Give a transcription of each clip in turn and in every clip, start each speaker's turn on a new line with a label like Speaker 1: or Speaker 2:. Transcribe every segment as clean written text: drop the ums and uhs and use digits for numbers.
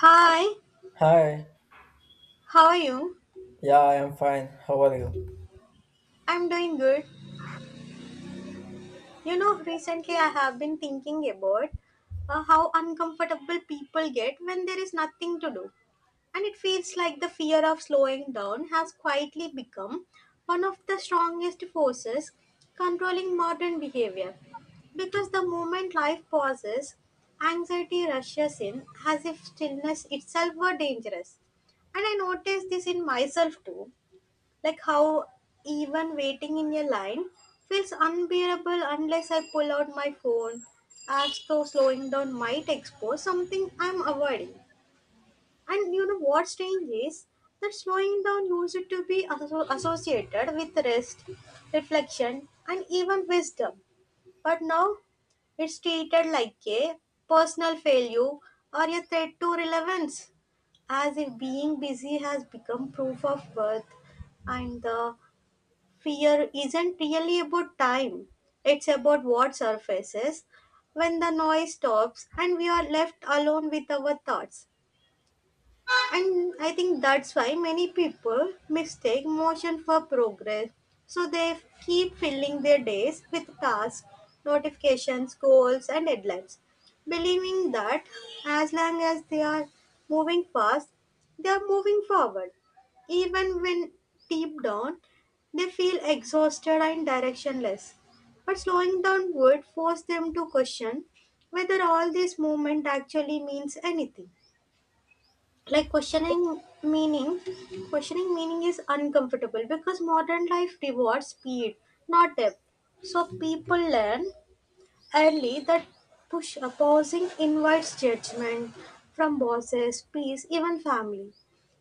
Speaker 1: Hi,
Speaker 2: Hi.
Speaker 1: how are you?
Speaker 2: Yeah, I am fine. How are you?
Speaker 1: I'm doing good. You know, recently I have been thinking about how uncomfortable people get when there is nothing to do. And it feels like the fear of slowing down has quietly become one of the strongest forces controlling modern behavior. Because the moment life pauses, anxiety rushes in as if stillness itself were dangerous. And I noticed this in myself too, like how even waiting in a line feels unbearable unless I pull out my phone, as though slowing down might expose something I'm avoiding. And you know what's strange is that slowing down used to be associated with rest, reflection, and even wisdom. But now it's treated like a personal failure or a threat to relevance, as if being busy has become proof of worth, and the fear isn't really about time. It's about what surfaces when the noise stops and we are left alone with our thoughts. And I think that's why many people mistake motion for progress. So they keep filling their days with tasks, notifications, goals, and deadlines, believing that as long as they are moving fast, they are moving forward. Even when deep down, they feel exhausted and directionless. But slowing down would force them to question whether all this movement actually means anything, like Questioning meaning is uncomfortable because modern life rewards speed, not depth, so people learn early, that push opposing invites judgment from bosses, peers, even family.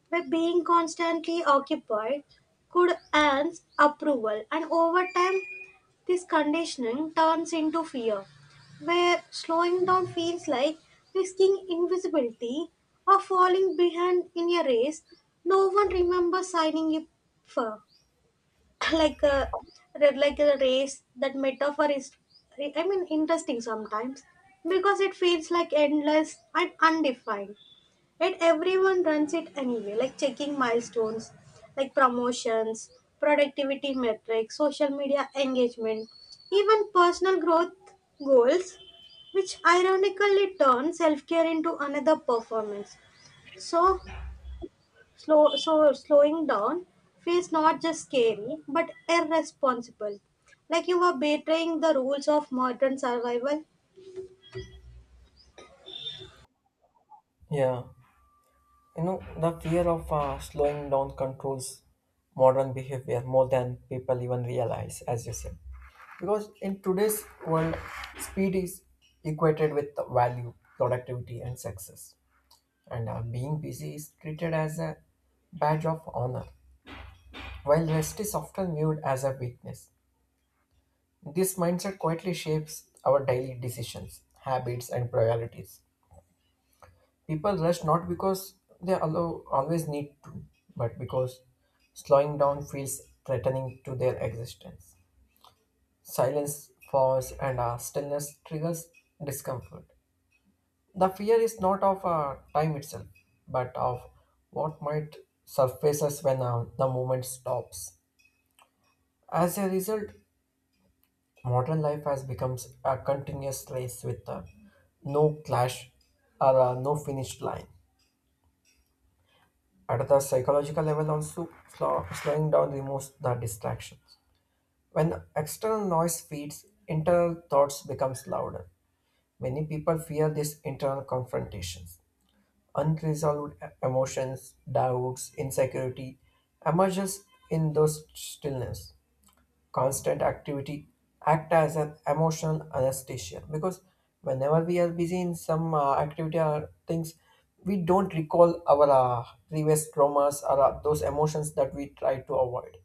Speaker 1: By being constantly occupied, could earn approval, and over time, this conditioning turns into fear, where slowing down feels like risking invisibility or falling behind in a race no one remembers signing up for. like a like a race, that metaphor is, I mean, interesting sometimes, because it feels like endless and undefined, and everyone runs it anyway, like checking milestones, like promotions, productivity metrics, social media engagement, even personal growth goals, which ironically turn self-care into another performance. So Slow, so slowing down feels not just scary but irresponsible. Like you are betraying the rules of modern survival.
Speaker 2: Yeah. You know, the fear of slowing down controls modern behavior more than people even realize, as you said. Because in today's world, speed is equated with value, productivity, and success. And being busy is treated as a badge of honor, while rest is often viewed as a weakness. This mindset quietly shapes our daily decisions, habits, and priorities. People rush not because they allow, always need to, but because slowing down feels threatening to their existence. Silence, pause, and stillness triggers discomfort. The fear is not of time itself, but of what might surfaces when the movement stops. As a result, modern life has become a continuous race with no clash or no finish line. At the psychological level, also slowing down removes the distractions. When external noise feeds, internal thoughts becomes louder. Many people fear these internal confrontations. Unresolved emotions, doubts, insecurity emerges in those stillness constant activity act as an emotional anesthesia because whenever we are busy in some activity or things we don't recall our previous traumas or those emotions that we try to avoid.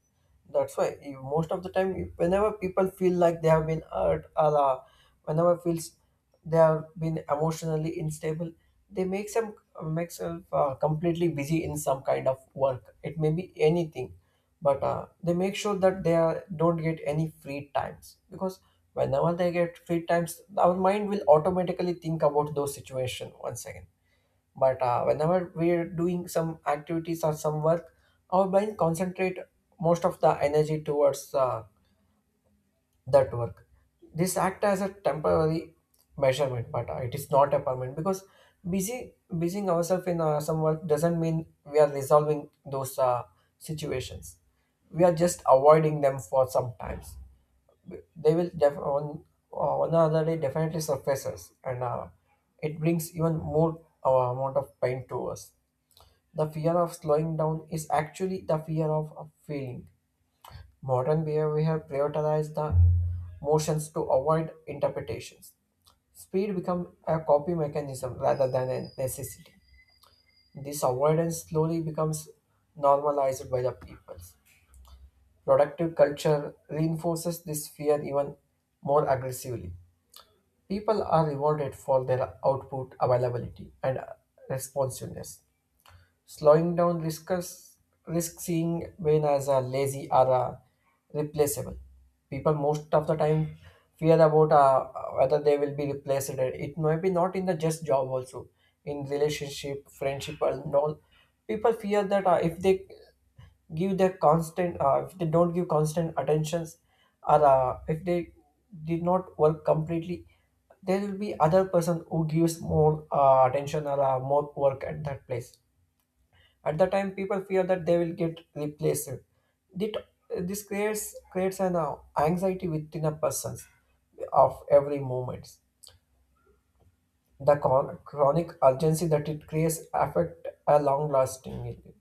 Speaker 2: That's why most of the time, whenever people feel like they have been hurt, or whenever feels they have been emotionally unstable, they make some make self completely busy in some kind of work. It may be anything, but they make sure that don't get any free times because whenever they get free times, our mind will automatically think about those situation once again. But whenever we're doing some activities or some work, our brain concentrate most of the energy towards that work. This act as a temporary measurement, but it is not a permanent because busying ourselves in some work doesn't mean we are resolving those situations. We are just avoiding them for some times. They will on one or other day definitely surfaces, and it brings even more amount of pain to us. The fear of slowing down is actually the fear of feeling. Modern behavior prioritizes the motions to avoid interpretations. Speed becomes a coping mechanism rather than a necessity. This avoidance slowly becomes normalized by the peoples. Productive culture reinforces this fear even more aggressively. People are rewarded for their output, availability, and responsiveness. Slowing down risks, risk seeing Wayne as a lazy or a replaceable. People most of the time fear about whether they will be replaced. It may be not in the just job also, in relationship, friendship, and all. People fear that if they give their if they don't give constant attentions, or if they did not work completely, there will be other person who gives more attention or more work at that place. At the time, people fear that they will get replaced. Dit- This creates an anxiety within a person of every moment. The chronic urgency that it creates affect a long-lasting,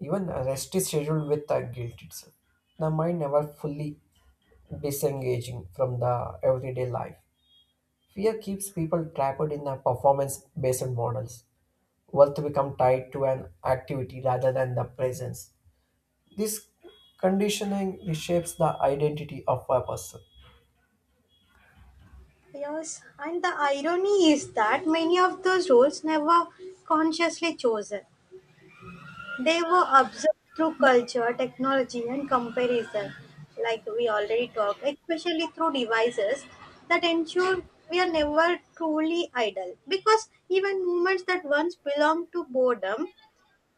Speaker 2: even a rest is scheduled with a guilt itself. The mind never fully disengaging from the everyday life. Fear keeps people trapped in the performance based models. Worth become tied to an activity rather than the presence. This conditioning reshapes the identity of a person.
Speaker 1: Yes, and the irony is that many of those rules never consciously chosen. They were observed through culture, technology, and comparison, like we already talked, especially through devices that ensure we are never truly idle. Because even moments that once belonged to boredom,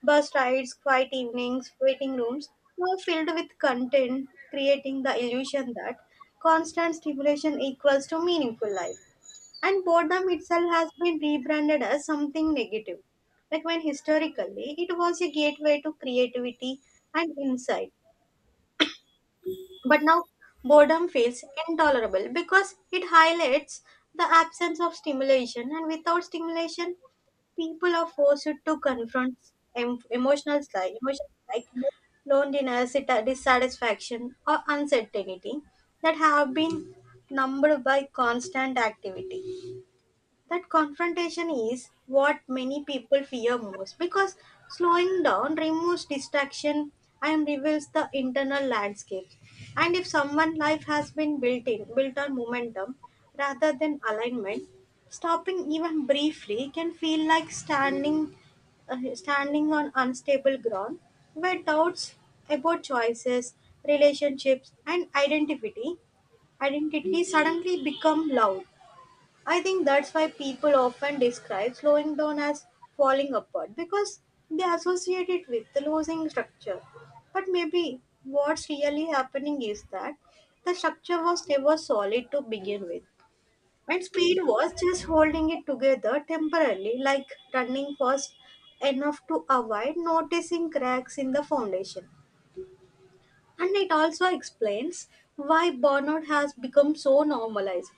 Speaker 1: bus rides, quiet evenings, waiting rooms, were filled with content, creating the illusion that constant stimulation equals to meaningful life. And boredom itself has been rebranded as something negative. Like when historically it was a gateway to creativity and insight. But now boredom feels intolerable because it highlights the absence of stimulation, and without stimulation, people are forced to confront emotions like loneliness, dissatisfaction, or uncertainty that have been numbed by constant activity. That confrontation is what many people fear most, because slowing down removes distraction and reveals the internal landscape. And if someone's life has been built on momentum rather than alignment, stopping even briefly can feel like standing on unstable ground, where doubts about choices, relationships and identity suddenly become loud. I think that's why people often describe slowing down as falling apart, because they associate it with the losing structure. But maybe what's really happening is that the structure was never solid to begin with. And speed was just holding it together temporarily, like running fast enough to avoid noticing cracks in the foundation. And it also explains why burnout has become so normalized.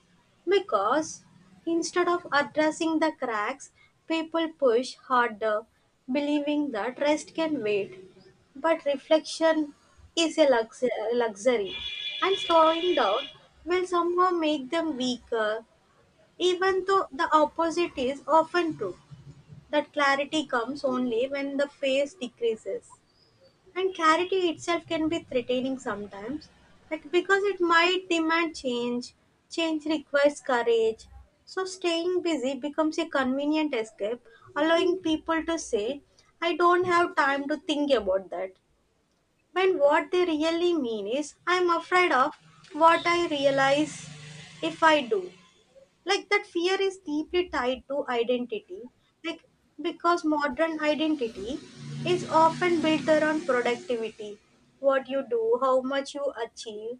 Speaker 1: Because instead of addressing the cracks, people push harder, believing that rest can wait. But reflection is a luxury, and slowing down will somehow make them weaker, even though the opposite is often true. That clarity comes only when the phase decreases. And clarity itself can be threatening sometimes, like because it might demand change. Change requires courage. So staying busy becomes a convenient escape, allowing people to say, "I don't have time to think about that." When what they really mean is, "I'm afraid of what I realize if I do." Like, that fear is deeply tied to identity, like, because modern identity is often built around productivity, what you do, how much you achieve,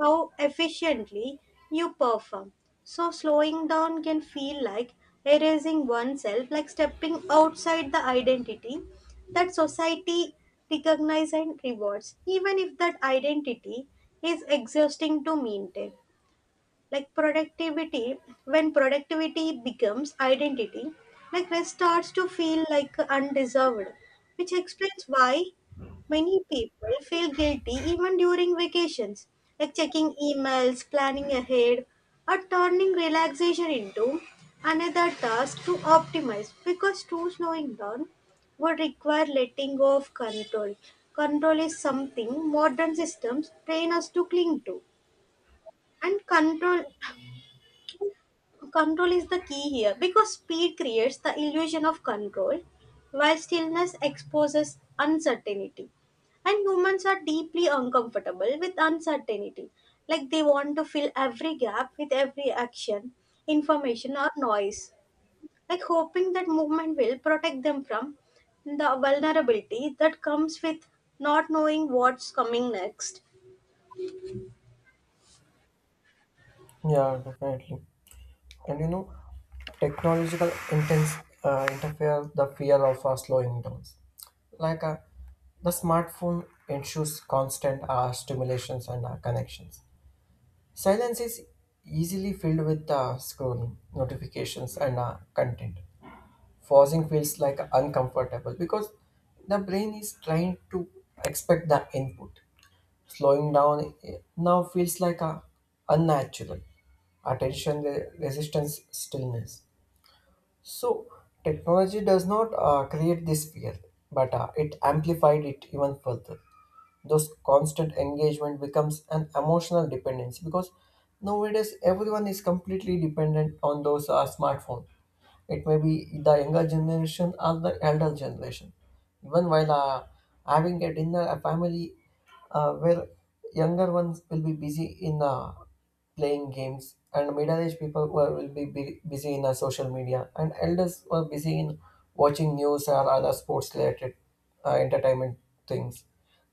Speaker 1: how efficiently you perform. So slowing down can feel like erasing oneself, like stepping outside the identity that society recognizes and rewards, even if that identity is exhausting to maintain. Like productivity, when productivity becomes identity, like, rest starts to feel like undeserved, which explains why many people feel guilty even during vacations, like checking emails, planning ahead, or turning relaxation into another task to optimize, because true slowing down would require letting go of control. Control is something modern systems train us to cling to, and control. Is the key here, because speed creates the illusion of control, while stillness exposes uncertainty. And humans are deeply uncomfortable with uncertainty. Like they want to fill every gap with every action, information, or noise. Like hoping that movement will protect them from the vulnerability that comes with not knowing what's coming next.
Speaker 2: Yeah, definitely. And you know, technological intense interfere the fear of slowing down. Like the smartphone ensures constant stimulations and connections. Silence is easily filled with scrolling, notifications, and content. Pausing feels like uncomfortable because the brain is trying to expect the input. Slowing down now feels like a unnatural attention resistance stillness. So, technology does not create this fear, but it amplified it even further. Those constant engagement becomes an emotional dependency because nowadays everyone is completely dependent on those smartphones. It may be the younger generation or the elder generation. Even while having a dinner, a family where younger ones will be busy in playing games, and will be busy in social media, and elders were busy in watching news or other sports-related entertainment things.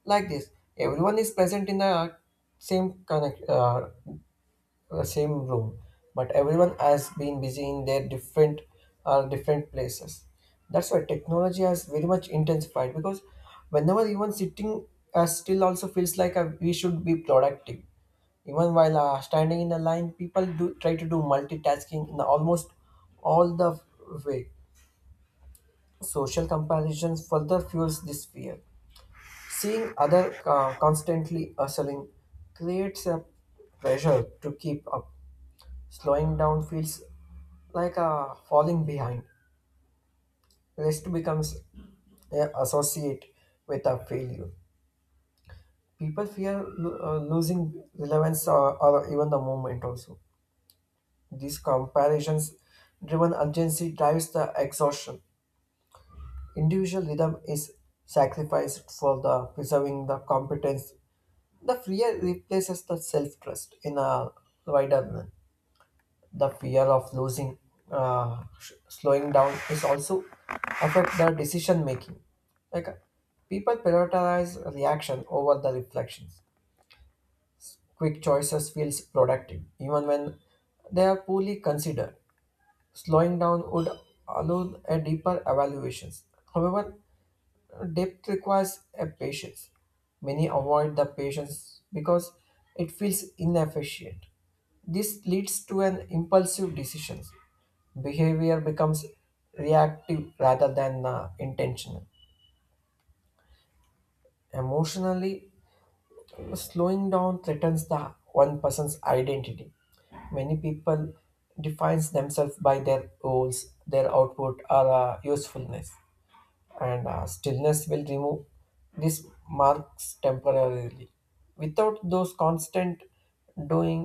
Speaker 2: Like this, everyone is present in the same connect, uh, same room, but everyone has been busy in their different different places. That's why technology has very much intensified because whenever even sitting as still also feels like we should be productive. Even while standing in a line people do try to do multitasking in almost all the way. Social comparisons further fuels this fear, seeing other constantly hustling creates a pressure to keep up. Slowing down feels like a falling behind. Rest becomes associate with a failure. People fear losing relevance or even the moment also. These comparisons driven urgency drives the exhaustion. Individual rhythm is sacrificed for the preserving the competence. The fear replaces the self trust in a wider manner. The fear of losing slowing down is also affect the decision making, like people prioritize reaction over the reflections. Quick choices feels productive even when they are poorly considered. Slowing down would allow a deeper evaluations, however depth requires a patience. Many avoid the patience because it feels inefficient. This leads to an impulsive decisions. Behavior becomes reactive rather than intentional. Emotionally, slowing down threatens the one person's identity. Many people defines themselves by their goals, their output, or usefulness. And stillness will remove these marks temporarily. Without those constant doing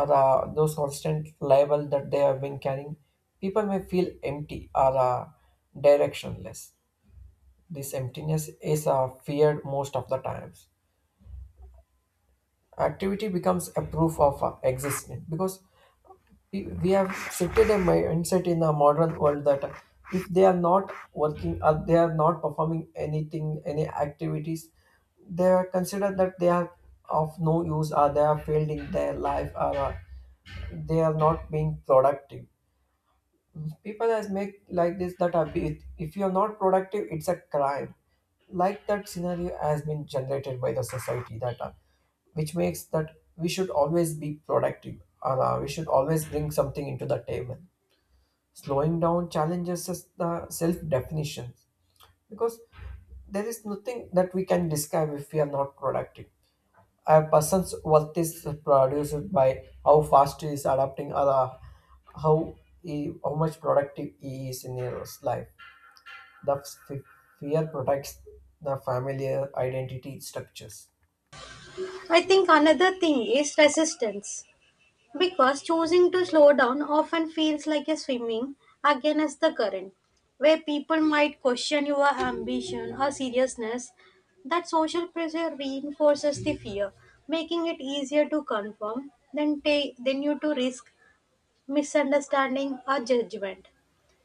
Speaker 2: or those constant label that they have been carrying, people may feel empty or directionless. This emptiness is feared most of the times. Activity becomes a proof of existence, because we have shifted a mindset in the modern world that if they are not working or they are not performing anything any activities, they are considered that they are of no use or they are failed in their life or they are not being productive. People has make like this that if you are not productive it's a crime. Like that scenario has been generated by the society that which makes that we should always be productive or we should always bring something into the table. Slowing down challenges us the self definition, because there is nothing that we can describe if we are not productive. A person's worth is produced by how fast he is adapting or how how much productive he is in his life. The fear protects the familiar identity structures.
Speaker 1: I think another thing is resistance, because choosing to slow down often feels like a swimming against the current, where people might question your ambition or seriousness. That social pressure reinforces the fear, making it easier to conform than, than you to risk misunderstanding or judgment.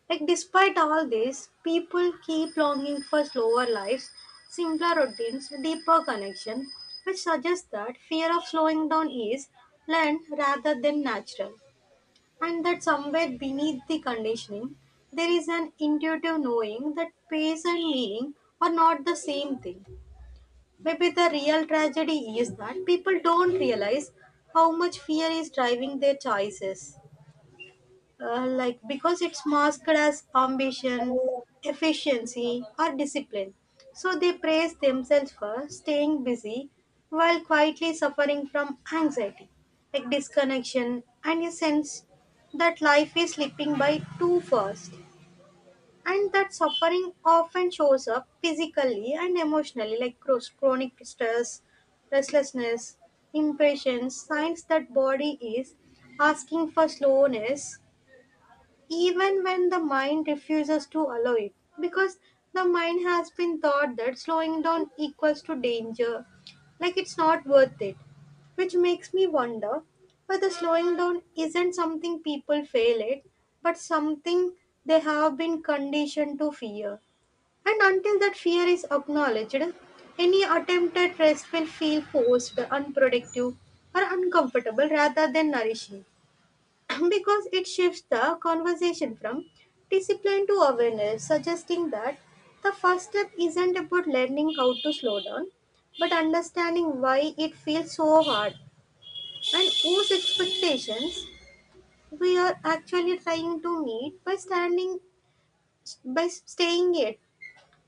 Speaker 1: Like, despite all this, people keep longing for slower lives, simpler routines, deeper connection, which suggests that fear of slowing down is learned rather than natural, and that somewhere beneath the conditioning, there is an intuitive knowing that pace and meaning are not the same thing. Maybe the real tragedy is that people don't realize how much fear is driving their choices, like, because it's masked as ambition, efficiency, or discipline. So they praise themselves for staying busy while quietly suffering from anxiety, like disconnection, and a sense that life is slipping by too fast. And that suffering often shows up physically and emotionally, like chronic stress, restlessness, impatience, signs that body is asking for slowness even when the mind refuses to allow it, because the mind has been taught that slowing down equals to danger, like it's not worth it, which makes me wonder whether slowing down isn't something people fail at, but something they have been conditioned to fear. And until that fear is acknowledged, any attempt at rest will feel forced, unproductive, or uncomfortable rather than nourishing. Because it shifts the conversation from discipline to awareness, suggesting that the first step isn't about learning how to slow down, but understanding why it feels so hard, and whose expectations we are actually trying to meet by standing by staying it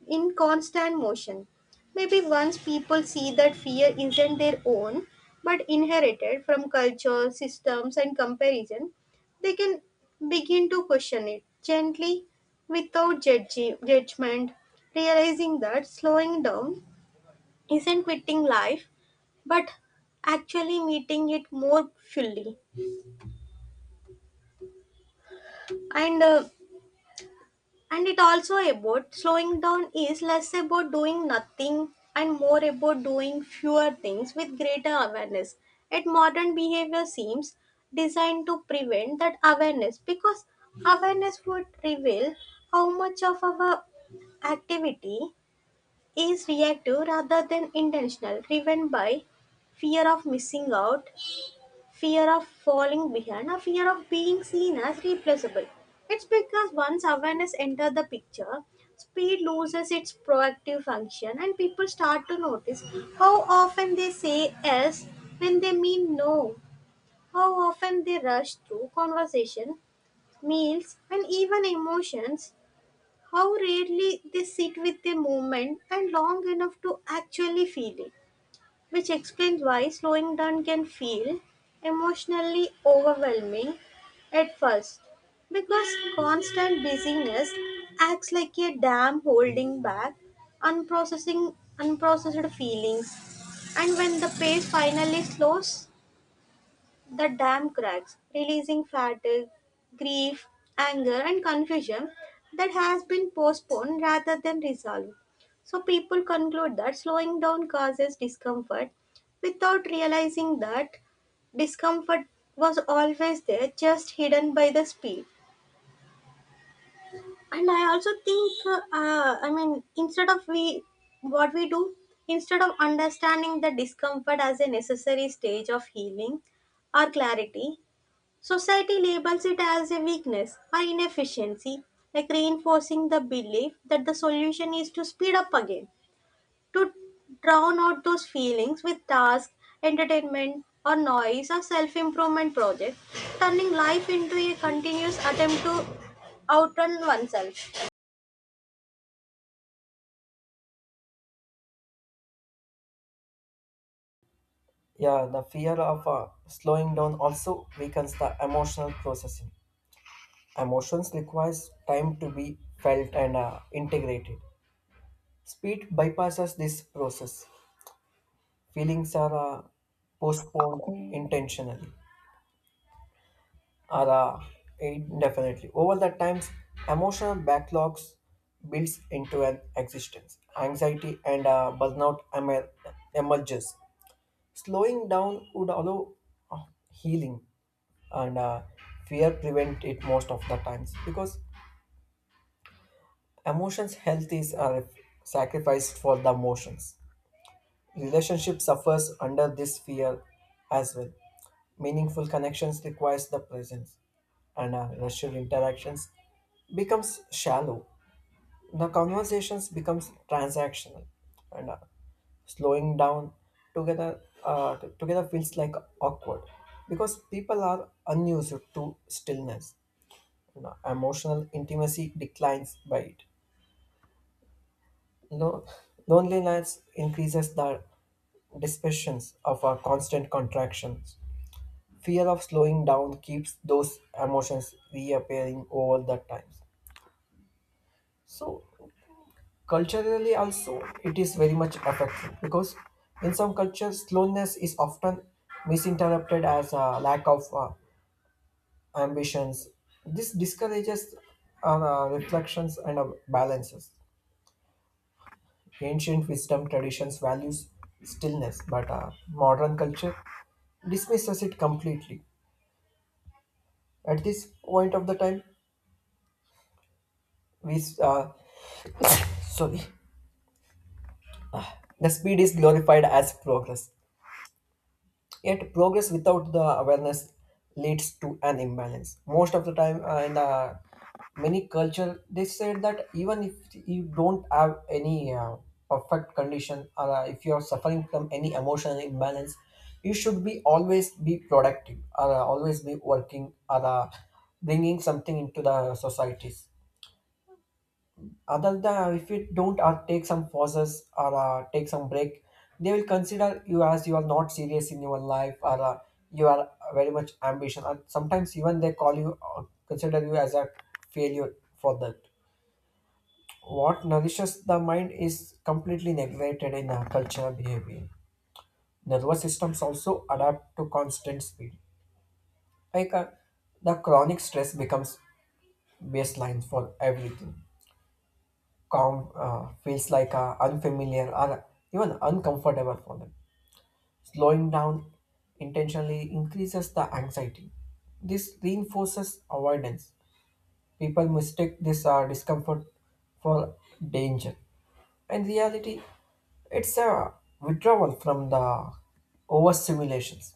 Speaker 1: in constant motion. Maybe once people see that fear isn't their own, but inherited from culture, systems, and comparison, they can begin to question it gently without judgment, realizing that slowing down isn't quitting life, but actually meeting it more fully. And uh, And it also about slowing down is less about doing nothing and more about doing fewer things with greater awareness. Yet modern behavior seems designed to prevent that awareness, because awareness would reveal how much of our activity is reactive rather than intentional, driven by fear of missing out, fear of falling behind, or fear of being seen as replaceable. It's because once awareness enters the picture, speed loses its proactive function and people start to notice how often they say yes when they mean no, how often they rush through conversation, meals, and even emotions, how rarely they sit with the moment and long enough to actually feel it. Which explains why slowing down can feel emotionally overwhelming at first. Because constant busyness acts like a dam holding back unprocessing unprocessed feelings, and when the pace finally slows, the dam cracks, releasing fatigue, grief, anger, and confusion that has been postponed rather than resolved. So, people conclude that slowing down causes discomfort without realizing that discomfort was always there, just hidden by the speed. And I also think, I mean, instead of we, what we do, instead of understanding the discomfort as a necessary stage of healing or clarity, society labels it as a weakness or inefficiency, like reinforcing the belief that the solution is to speed up again, to drown out those feelings with tasks, entertainment, or noise, or self improvement projects, turning life into a continuous attempt to outrun oneself.
Speaker 2: Yeah, the fear of slowing down also weakens the emotional processing. Emotions requires time to be felt and integrated. Speed bypasses this process. Feelings are postponed intentionally or indefinitely. Over the times, emotional backlogs builds into an existence. Anxiety and burnout emerges. Slowing down would allow healing and fear prevent it most of the times, because emotions health is sacrificed for the emotions. Relationship suffers under this fear as well. Meaningful connections requires the presence, and rational interactions becomes shallow. The conversations becomes transactional, and slowing down together feels like awkward because people are unused to stillness. You know, emotional intimacy declines by it. Lo- Loneliness increases the dispersions of our constant contractions. Fear of slowing down keeps those emotions reappearing all the times. So culturally also it is very much affected because in some cultures slowness is often misinterpreted as a lack of ambitions. This discourages reflections and balances. Ancient wisdom traditions values stillness, but modern culture dismisses it completely. At this point of the time, we sorry. The speed is glorified as progress. Yet, progress without the awareness leads to an imbalance. Most of the time, in the many culture, they said that even if you don't have any perfect condition, or if you are suffering from any emotional imbalance, you should be always be productive, or always be working, or bringing something into the societies, other than if you don't take some pauses or take some break. They will consider you as you are not serious in your life or you are very much ambition, and sometimes even they call you or consider you as a failure for that. What nourishes the mind is completely neglected in our cultural behavior. Nervous systems also adapt to constant speed, like the chronic stress becomes baseline for everything. Calm feels like unfamiliar or even uncomfortable for them. Slowing down intentionally increases the anxiety. This reinforces avoidance. People mistake this discomfort for danger. In reality, it's a withdrawal from the overstimulations.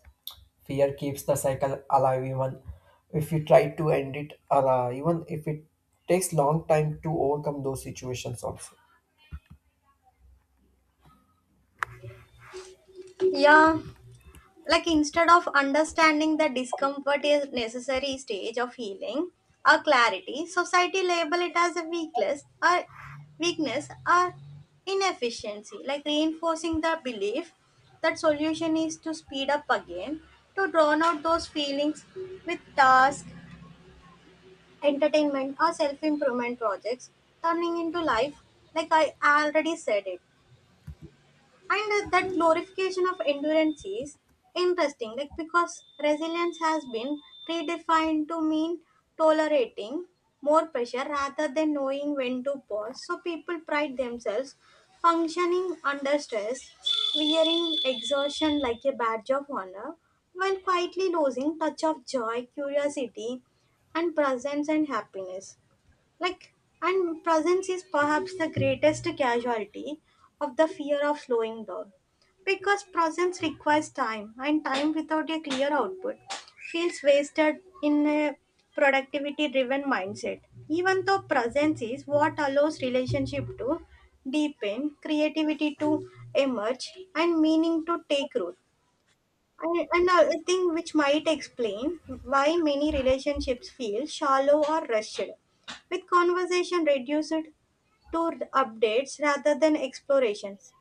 Speaker 2: Fear keeps the cycle alive even if you try to end it, or even if it takes long time to overcome those situations also.
Speaker 1: Yeah, like instead of understanding that discomfort is necessary stage of healing or clarity, society label it as a weakness or weakness or inefficiency, like reinforcing the belief that solution is to speed up again, to drown out those feelings with task, entertainment, or self-improvement projects, turning into life, like I already said it. And that glorification of endurance is interesting, like because resilience has been redefined to mean tolerating more pressure rather than knowing when to pause. So people pride themselves functioning under stress, wearing exhaustion like a badge of honor, while quietly losing touch of joy, curiosity, and presence and happiness. Like, and presence is perhaps the greatest casualty of the fear of slowing down. Because presence requires time, and time without a clear output feels wasted in a productivity driven mindset. Even though presence is what allows relationship to deepen, creativity to emerge, and meaning to take root. And another thing which might explain why many relationships feel shallow or rushed, with conversation reduced to updates rather than explorations.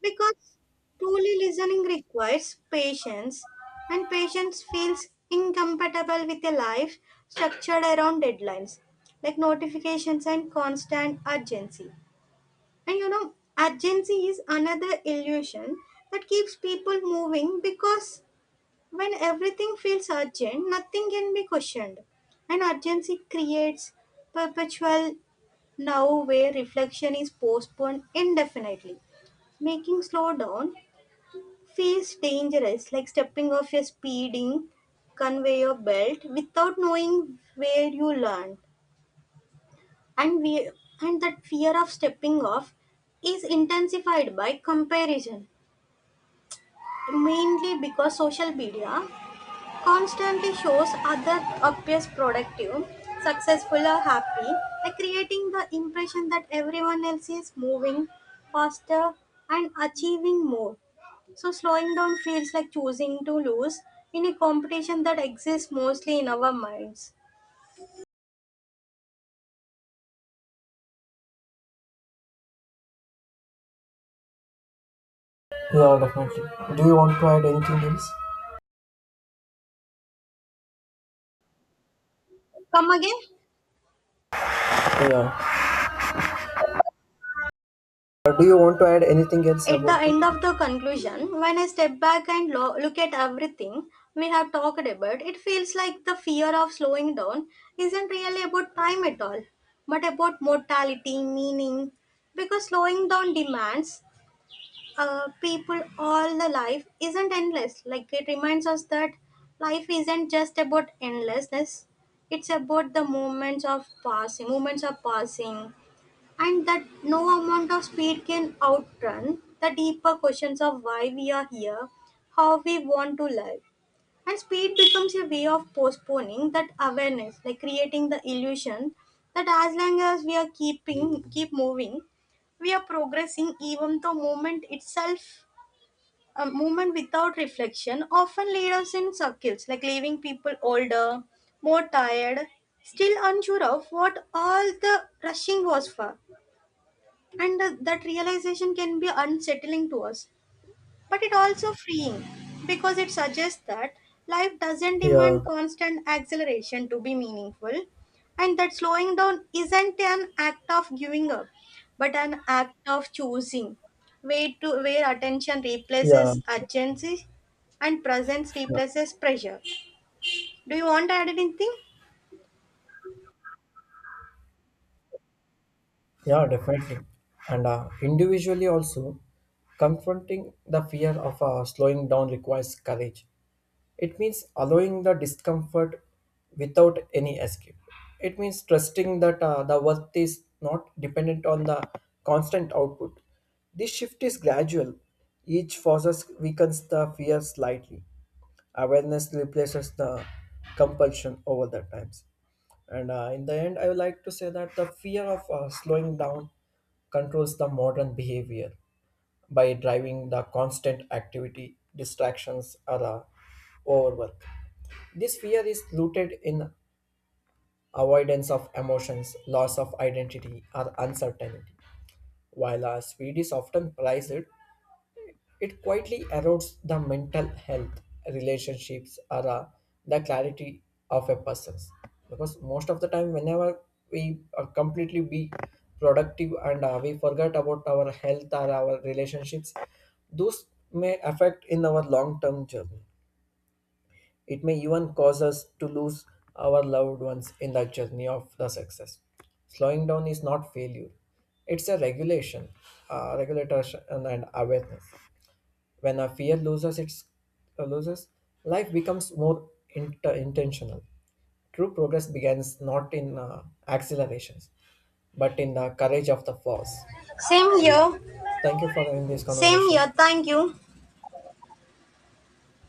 Speaker 1: Because truly listening requires patience, and patience feels incompatible with a life structured around deadlines, like notifications and constant urgency. And you know, urgency is another illusion that keeps people moving, because when everything feels urgent, nothing can be questioned. And urgency creates perpetual now, where reflection is postponed indefinitely. Making slowdown feels dangerous, like stepping off a speeding conveyor belt without knowing where you land. And we and that fear of stepping off is intensified by comparison, mainly because social media constantly shows other appears productive, successful or happy, like creating the impression that everyone else is moving faster and achieving more. So slowing down feels like choosing to lose in a competition that exists mostly in our minds.
Speaker 2: Yeah, definitely. Do you want to add anything else?
Speaker 1: Come again?
Speaker 2: Yeah. Do you want to add anything else
Speaker 1: At
Speaker 2: about
Speaker 1: the
Speaker 2: it?
Speaker 1: end of the conclusion, when I step back and look at everything we have talked about, it feels like the fear of slowing down isn't really about time at all, but about mortality, meaning. Because slowing down demands people all the life isn't endless. Like it reminds us that life isn't just about endlessness, it's about the moments of passing, and that no amount of speed can outrun the deeper questions of why we are here, how we want to live. And speed becomes a way of postponing that awareness, like creating the illusion that as long as we are keep moving, we are progressing, even though movement itself, a movement without reflection often leads us in circles, like leaving people older, more tired, still unsure of what all the rushing was for. And that realization can be unsettling to us, but it also freeing, because it suggests that life doesn't
Speaker 2: Yeah.
Speaker 1: demand constant acceleration to be meaningful, and that slowing down isn't an act of giving up, but an act of choosing way to where attention
Speaker 2: Yeah.
Speaker 1: replaces urgency, and presence
Speaker 2: Yeah,
Speaker 1: replaces pressure. Do you want to add anything?
Speaker 2: yeah, definitely. And individually also, confronting the fear of slowing down requires courage. It means allowing the discomfort without any escape. It means trusting that the worth is not dependent on the constant output. This shift is gradual. Each forces weakens the fear slightly. Awareness replaces the compulsion over the times. And in the end, I would like to say that the fear of slowing down controls the modern behavior by driving the constant activity, distractions, or overwork. This fear is rooted in avoidance of emotions, loss of identity, or uncertainty. While our speed is often prized, it quietly erodes the mental health, relationships, or the clarity of a person. Because most of the time, whenever we completely be productive and we forget about our health or our relationships, those may affect in our long-term journey. It may even cause us to lose our loved ones in the journey of the success. Slowing down is not failure. It's a regulation and awareness. When a fear loses uh, loses, life becomes more intentional. True progress begins not in accelerations, but in the courage of the force.
Speaker 1: Same here.
Speaker 2: Thank you for having this
Speaker 1: Same
Speaker 2: conversation.
Speaker 1: here, thank you.